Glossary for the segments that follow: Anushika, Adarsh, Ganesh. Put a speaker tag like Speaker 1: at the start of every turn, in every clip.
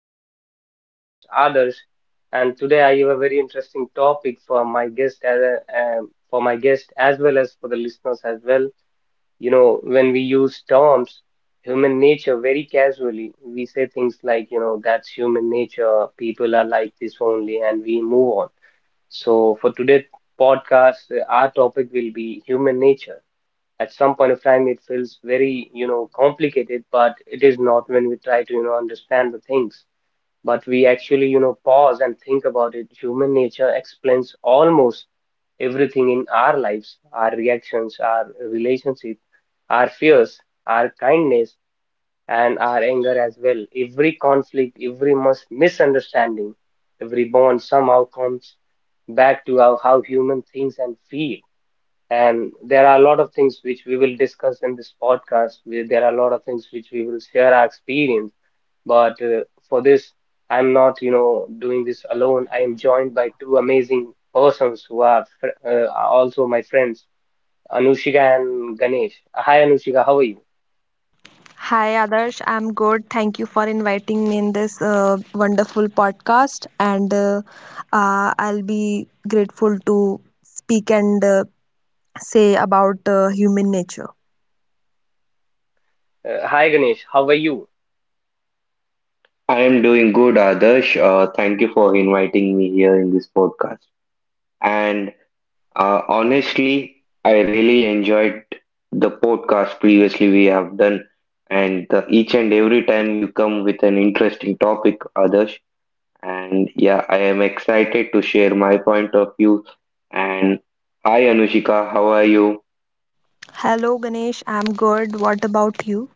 Speaker 1: podcast. I'm your host Adarsh, and today I have a very interesting topic for my guest for my guest as well as for the listeners as well. When we use terms human nature very casually, we say things like, that's human nature, people are like this only, and we move on. So for today's podcast, our topic will be human nature. At some point of time it feels very, complicated, but it is not. When we try to, understand the things, but we actually, pause and think about it, human nature explains almost everything in our lives: our reactions, our relationship, our fears, our kindness, and our anger as well. Every conflict, every misunderstanding, every bond somehow comes back to how human thinks and feel. And there are a lot of things which we will discuss in this podcast. There are a lot of things which we will share our experience. But for this, I'm not, doing this alone. I am joined by two amazing persons who are, fr are also my friends, Anushika and Ganesh. Hi, Anushika, how are you?
Speaker 2: Hi Adarsh, I'm good. Thank you for inviting me in this wonderful podcast, and I'll be grateful to speak and say about human nature.
Speaker 1: Yeah. Hi, Ganesh, how are you?
Speaker 2: Hello Ganesh, I'm good. What about you?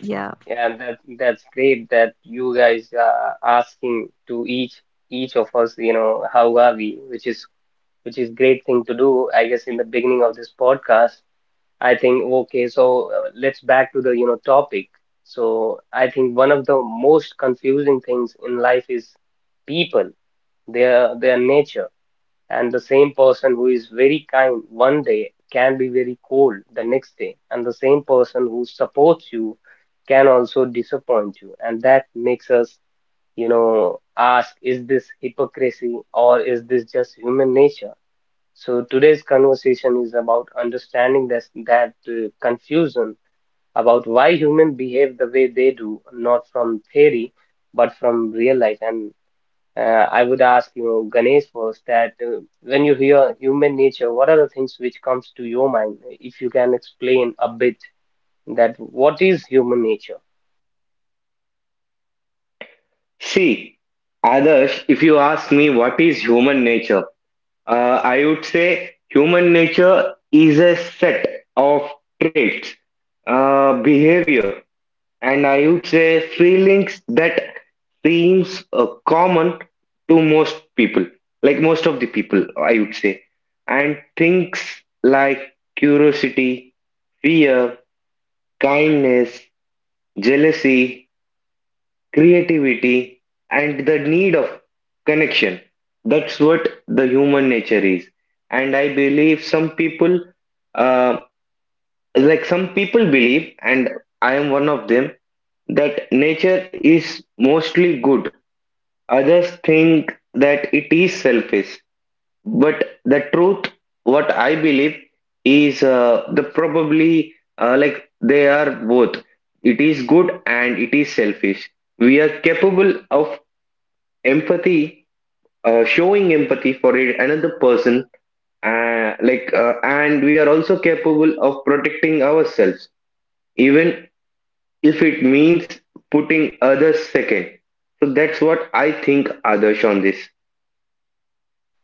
Speaker 2: Yeah.
Speaker 1: Yeah, that's great that you guys are asking to each of us, how are we, which is great thing to do, I guess, in the beginning of this podcast. I think, okay, so let's back to the, topic. So I think one of the most confusing things in life is people, their nature. And the same person who is very kind one day can be very cold the next day. And the same person who supports you can also disappoint you. And that makes us, ask, is this hypocrisy or is this just human nature? So today's conversation is about understanding this, that confusion about why humans behave the way they do, not from theory, but from real life. And I would ask Ganesh, first that when you hear human nature, what are the things which comes to your mind? If you can explain a bit that what is human nature?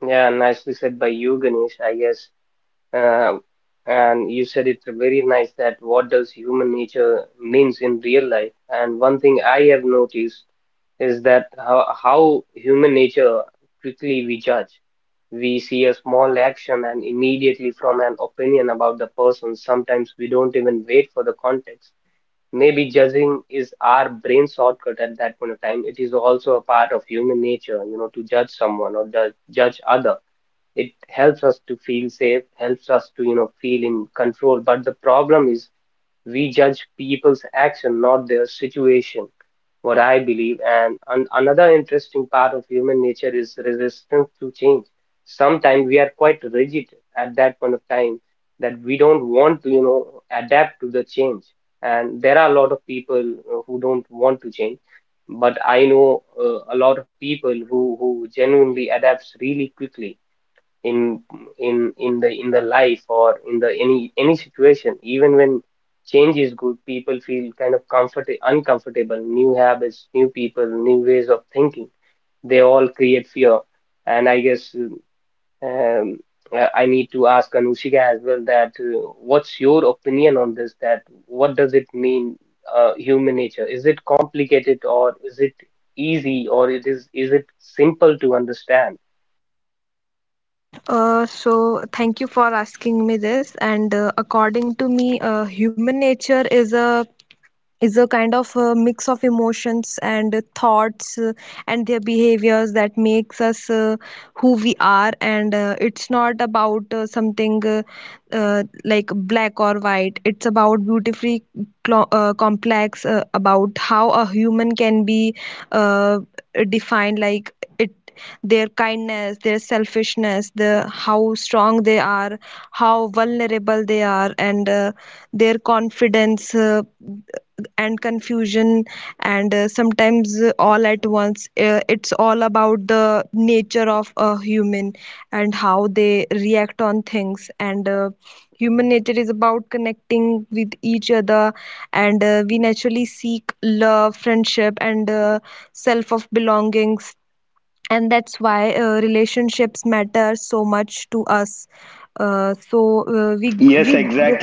Speaker 1: Yeah, nicely said by you, Ganesh. Uh, and you said it very nice that what does human nature means in real life. And one thing I have noticed is that how human nature quickly we judge. We see a small action and immediately from an opinion about the person. Sometimes we don't even wait for the context. Maybe judging is our brain shortcut at that point of time. It is also a part of human nature, to judge someone or judge other. It helps us to feel safe, helps us to, feel in control. But the problem is we judge people's action, not their situation, what I believe. And an another interesting part of human nature is resistance to change. Sometimes we are quite rigid at that point of time that we don't want to, adapt to the change. And there are a lot of people who don't want to change, but I know a lot of people who genuinely adapts really quickly in in the life or in the any situation. Even when change is good, people feel kind of comfort uncomfortable. New habits, new people, new ways of thinking, they all create fear. And I guess um, I need to ask Anushika as well that what's your opinion on this, that what does it mean, human nature, is it complicated or is it easy, or it is it simple to understand?
Speaker 2: So thank you for asking me this. And according to me, human nature is a kind of a mix of emotions and thoughts and their behaviors that makes us who we are, and it's not about something like black or white. It's about beautifully complex about how a human can be uh, defined, like it, their kindness, their selfishness, the how strong they are, how vulnerable they are, and their confidence and confusion, and sometimes all at once. It's all about the nature of a human and how they react on things. And human nature is about connecting with each other, and we naturally seek love, friendship, and self of belongings, and that's why relationships matter so much to us. So we grow.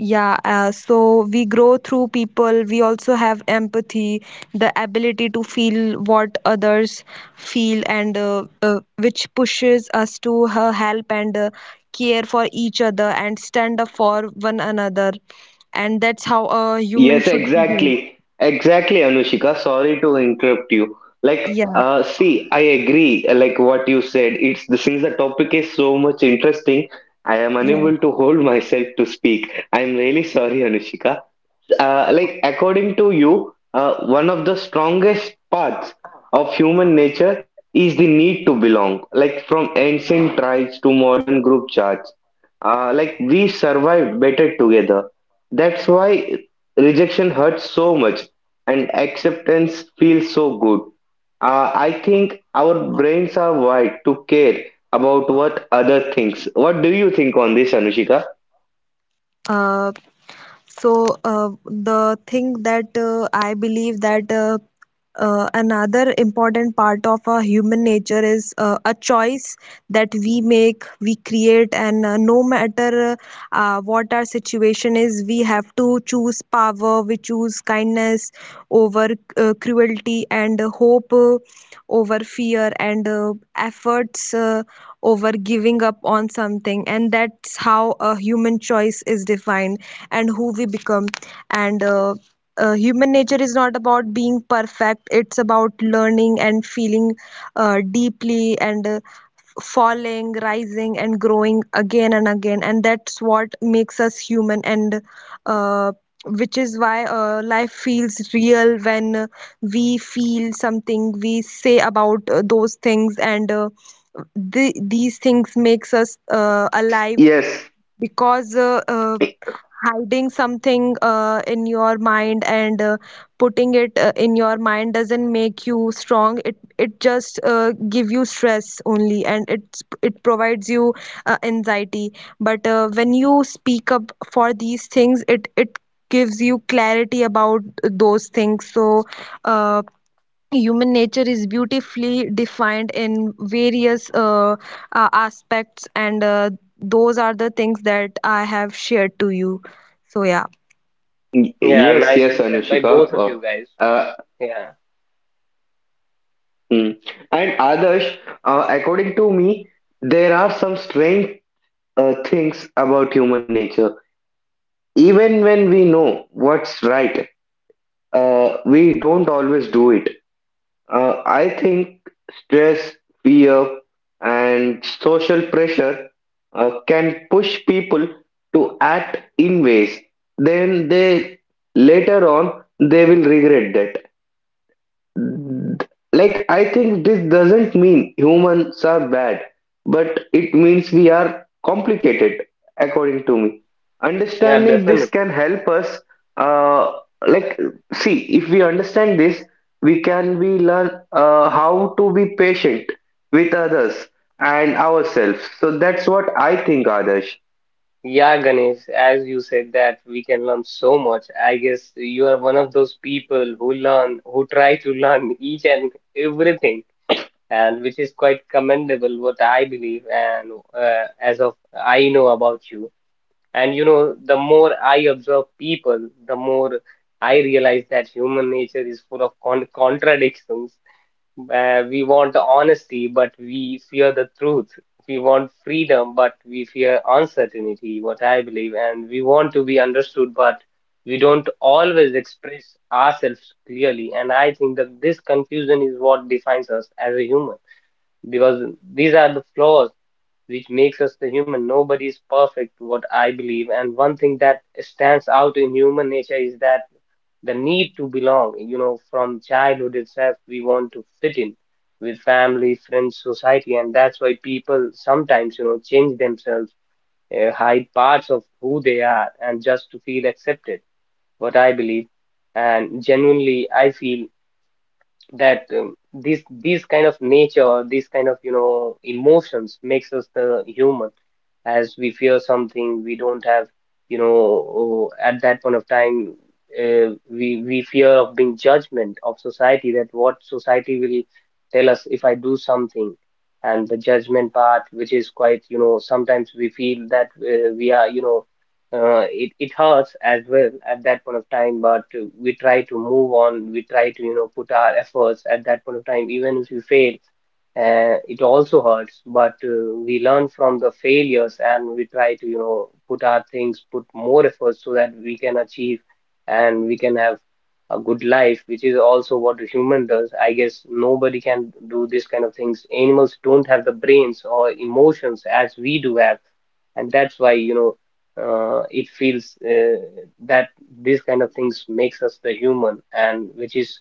Speaker 2: Yeah, so we grow through people. We also have empathy, the ability to feel what others feel, and which pushes us to help and care for each other and stand up for one another. And that's how a human should be. Yeah, yeah. Uh, So the thing that I believe that another important part of our human nature is a choice that we make, we create, and no matter what our situation is. We have to choose power, we choose kindness over cruelty, and hope over fear, and efforts over giving up on something. And that's how a human choice is defined and who we become. And human nature is not about being perfect, it's about learning and feeling deeply, and falling, rising, and growing again and again, and that's what makes us human. And uh, which is why life feels real when we feel something, we say about those things, and these things makes us alive, because hiding something in your mind and putting it in your mind doesn't make you strong. It just give you stress only, and it provides you anxiety. But when you speak up for these things, it gives you clarity about those things. So uh, human nature is beautifully defined in various aspects, and those are the things that I have shared to you. So, yeah.
Speaker 1: Yeah, nicely said by both of you guys. Yeah, yeah, definitely. Yeah, Ganesh, as you said that we can learn so much. I guess you are one of those people who learn, who try to learn each and everything, and which is quite commendable, what I believe, and as of I know about you. And you know, the more I observe people, the more I realize that human nature is full of contradictions. We want honesty, but we fear the truth. We want freedom, but we fear uncertainty, what I believe. And we want to be understood, but we don't always express ourselves clearly. And I think that this confusion is what defines us as a human, because these are the flaws which makes us the human. Nobody is perfect, what I believe. And one thing that stands out in human nature is that the need to belong. You know, from childhood itself, we want to fit in with family, friends, society, and that's why people sometimes, change themselves, hide parts of who they are, and just to feel accepted. What I believe, and genuinely, I feel that this these kind of nature, these kind of, emotions makes us the human. As we fear something we don't have, at that point of time, we fear of being judgment of society, that what society will tell us if I do something. And the judgment part, which is quite, sometimes we feel that we are, it hurts as well at that point of time, but we try to move on. We try to, put our efforts at that point of time, even if we fail. It also hurts, but we learn from the failures and we try to, put our things, put more efforts so that we can achieve and we can have a good life, which is also what a human does. I guess nobody can do this kind of things. Animals don't have the brains or emotions as we do have, and that's why it feels that these kind of things makes us the human, and which is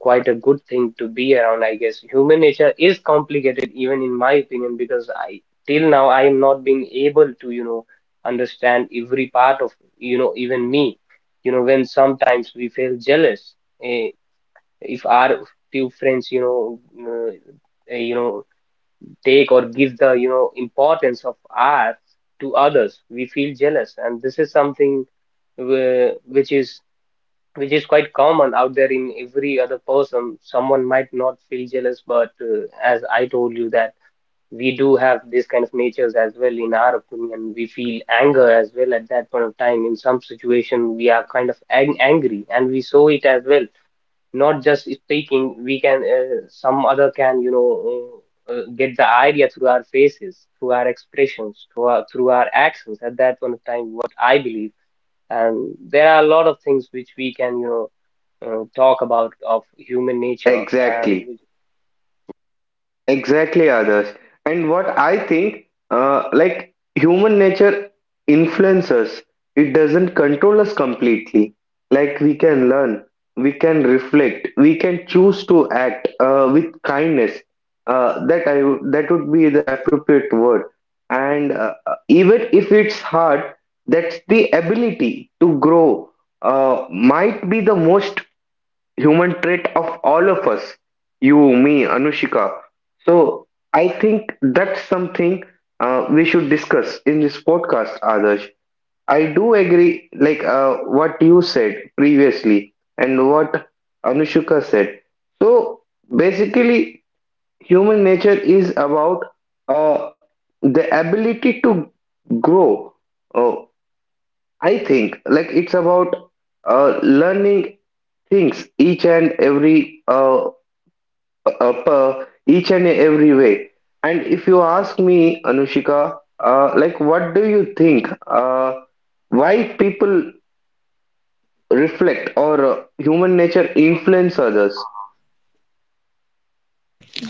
Speaker 1: quite a good thing to be around. I guess human nature is complicated even in my opinion, because I till now I am not being able to, understand every part of, even me. You know, when sometimes we feel jealous, eh, if our few friends, uh, eh, you know take or give the, importance of art to others, we feel jealous. And this is something which is which is quite common out there. In every other person, someone might not feel jealous, but as I told you that we do have this kind of natures as well in our opinion. We feel anger as well at that point of time. In some situation we are kind of angry, and we show it as well, not just speaking. We can, some other can, get the idea through our faces, through our expressions, through our actions at that point of time, what I believe. And there are a lot of things which we can, talk about of human nature. And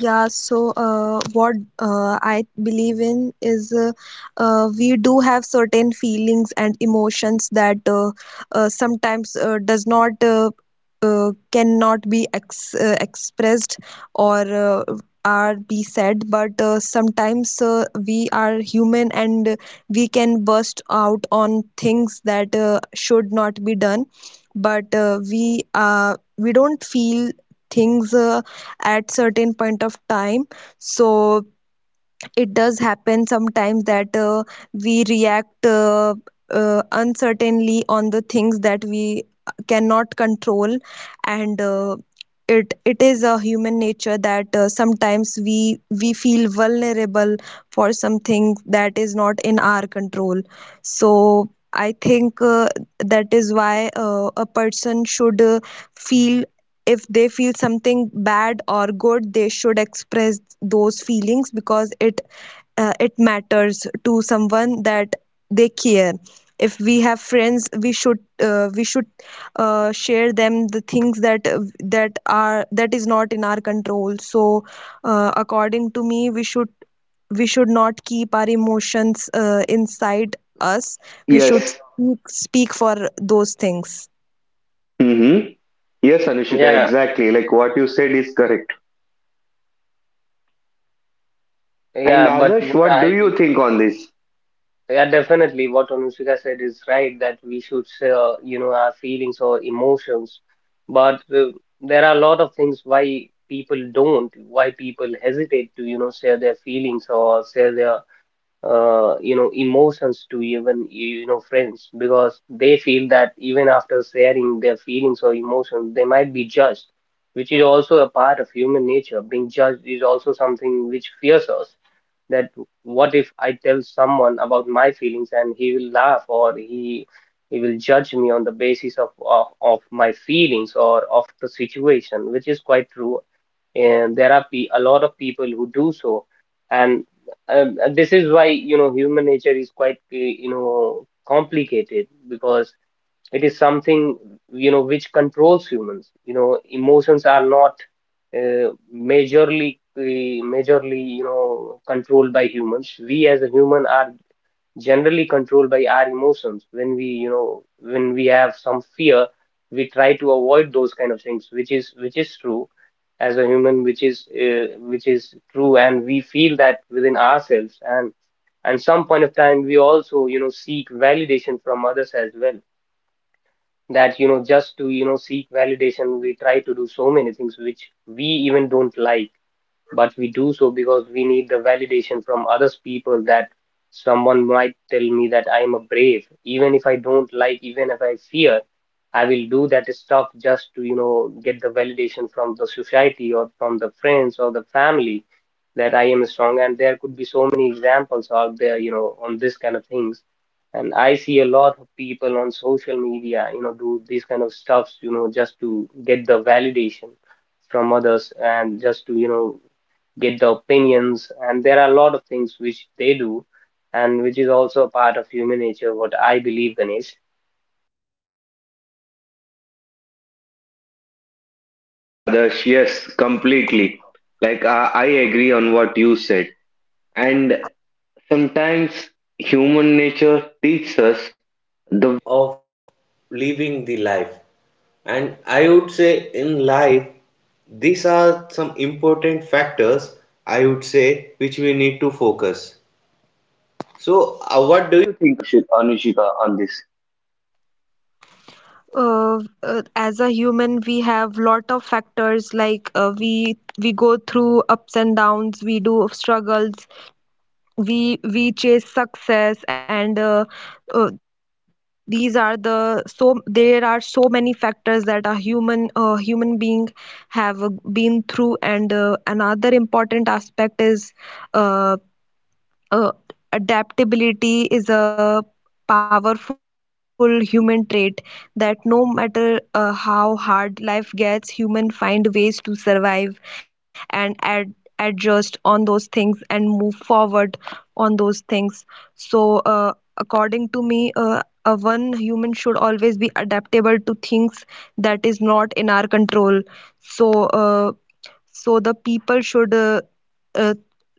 Speaker 2: Yeah, so what I believe in is we do have certain feelings and emotions that sometimes does not cannot be ex expressed or are be said. But sometimes we are human and we can burst out on things that should not be done. But we don't feel things at certain point of time. So it does happen sometimes that we react uncertainly on the things that we cannot control. And it is a human nature that sometimes we feel vulnerable for something that is not in our control. So I think that is why a person should feel, if they feel something bad or good, they should express those feelings, because it it matters to someone that they care. If we have friends, we should we should share them the things that that are that is not in our control. So according to me, we should not keep our emotions inside us. We should speak for those things.
Speaker 1: yeah, yeah but what I believe, yeah, definitely. What Anushika said is right, that we should share, our feelings or emotions. But there are a lot of things why people don't, why people hesitate to, share their feelings or share their, emotions to even, friends, because they feel that even after sharing their feelings or emotions, they might be judged, which is also a part of human nature. Being judged is also something which fears us, that what if I tell someone about my feelings and he will laugh, or he will judge me on the basis of my feelings or of the situation, which is quite true. And there are a lot of people who do so, and this is why, human nature is quite, complicated, because it is something, which controls humans. You know, emotions are not uh, majorly, uh, majorly, controlled by humans. We as a human are generally controlled by our emotions. When we, when we have some fear, we try to avoid those kind of things, which is true as a human, which is true, and we feel that within ourselves. And some point of time we also, seek validation from others as well, that, just to, seek validation, we try to do so many things which we even don't like, but we do so because we need the validation from others people, that someone might tell me that I am a brave, even if I don't like, even if I fear, I will do that stuff just to, get the validation from the society or from the friends or the family, that I am strong. And there could be so many examples out there, on this kind of things. And I see a lot of people on social media, do these kind of stuffs, just to get the validation from others, and just to, get the opinions, and there are a lot of things which they do, and which is also a part of human nature, what I believe, Ganesh.
Speaker 2: As a human, we have lot of factors, like we go through ups and downs, we do struggles, we chase success, and these are the so there are so many factors that a human being have been through. And another important aspect is uh, uh, adaptability is a powerful human trait, that no matter how hard life gets, human find ways to survive and adjust on those things and move forward on those things. So according to me, a one human should always be adaptable to things that is not in our control. So uh, so the people should uh,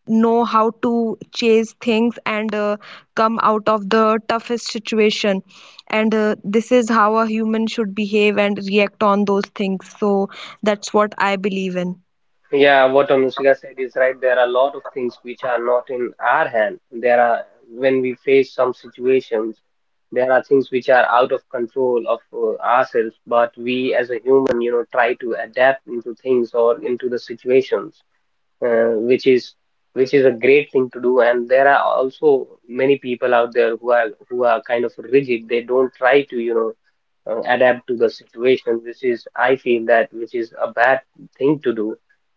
Speaker 2: know how to chase things and come out of the toughest situation. And this is how a human should behave and react on those things. So that's what I believe in.
Speaker 1: Yeah, what Anushka said is right. There are a lot of things which are not in our hand. There are, when we face some situations, there are things which are out of control of ourselves, but we as a human, try to adapt into things or into the situations uh, which is which is a great thing to do. And there are also many people out there who are kind of rigid, they don't try to, adapt to the situation, which, is I feel that, which is a bad thing to do.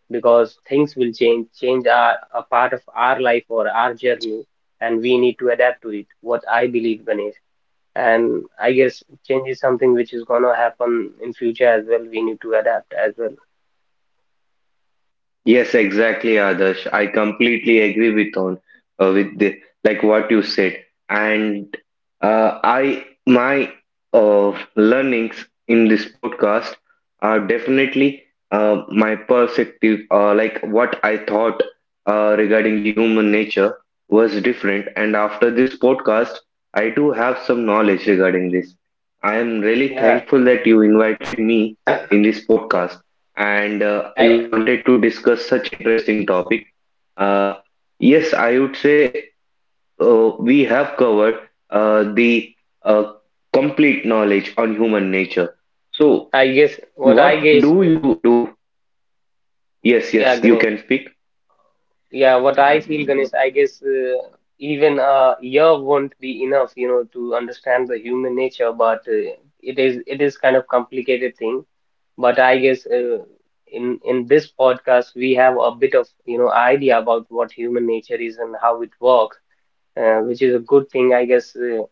Speaker 1: Because things will Change are a part of our life or our journey, and we need to adapt to it, what I believe, Ganesh. And I guess change is something which is going to happen in future as well, we need to adapt as well. yeah yeah i I guess, yeah, Ganesh. Yeah, what I feel, Ganesh, I guess even a year won't be enough, to understand the human nature. But it is kind of complicated thing. But I guess in this podcast we have a bit of, idea about what human nature is and how it works, which is a good thing, I guess. Uh,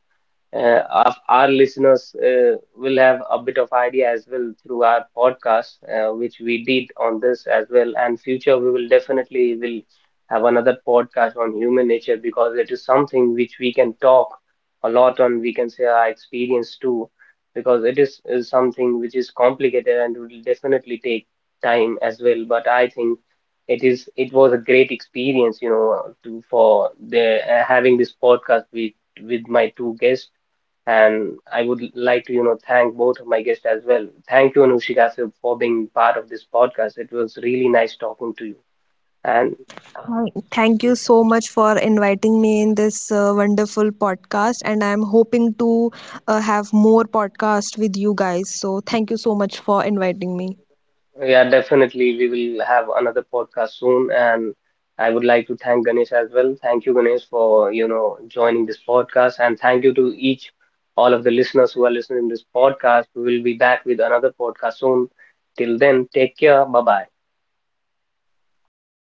Speaker 1: uh, our, Our listeners will have a bit of idea as well through our podcast which we did on this as well. And future we will definitely will have another podcast on human nature, because it is something which we can talk a lot on, we can say our experience too, because is something which is complicated, and will definitely take time as well. But I think it was a great experience, you know to for the having this podcast with my two guests. And I would like to, thank both of my guests as well. Thank you, Anushika, sir, for being part of this podcast. It was really nice talking to you. And
Speaker 2: Thank you so much for inviting me in this wonderful podcast, and I'm hoping to have more podcast with you guys. So thank you so much for inviting me.
Speaker 1: yeah, definitely we will have another podcast soon. And I would like to thank Ganesh as well. Thank you, Ganesh, for, joining this podcast. And thank you to each, all of the listeners who are listening to this podcast. We will be back with another podcast soon. Till then, take care. Bye bye.
Speaker 2: Bye.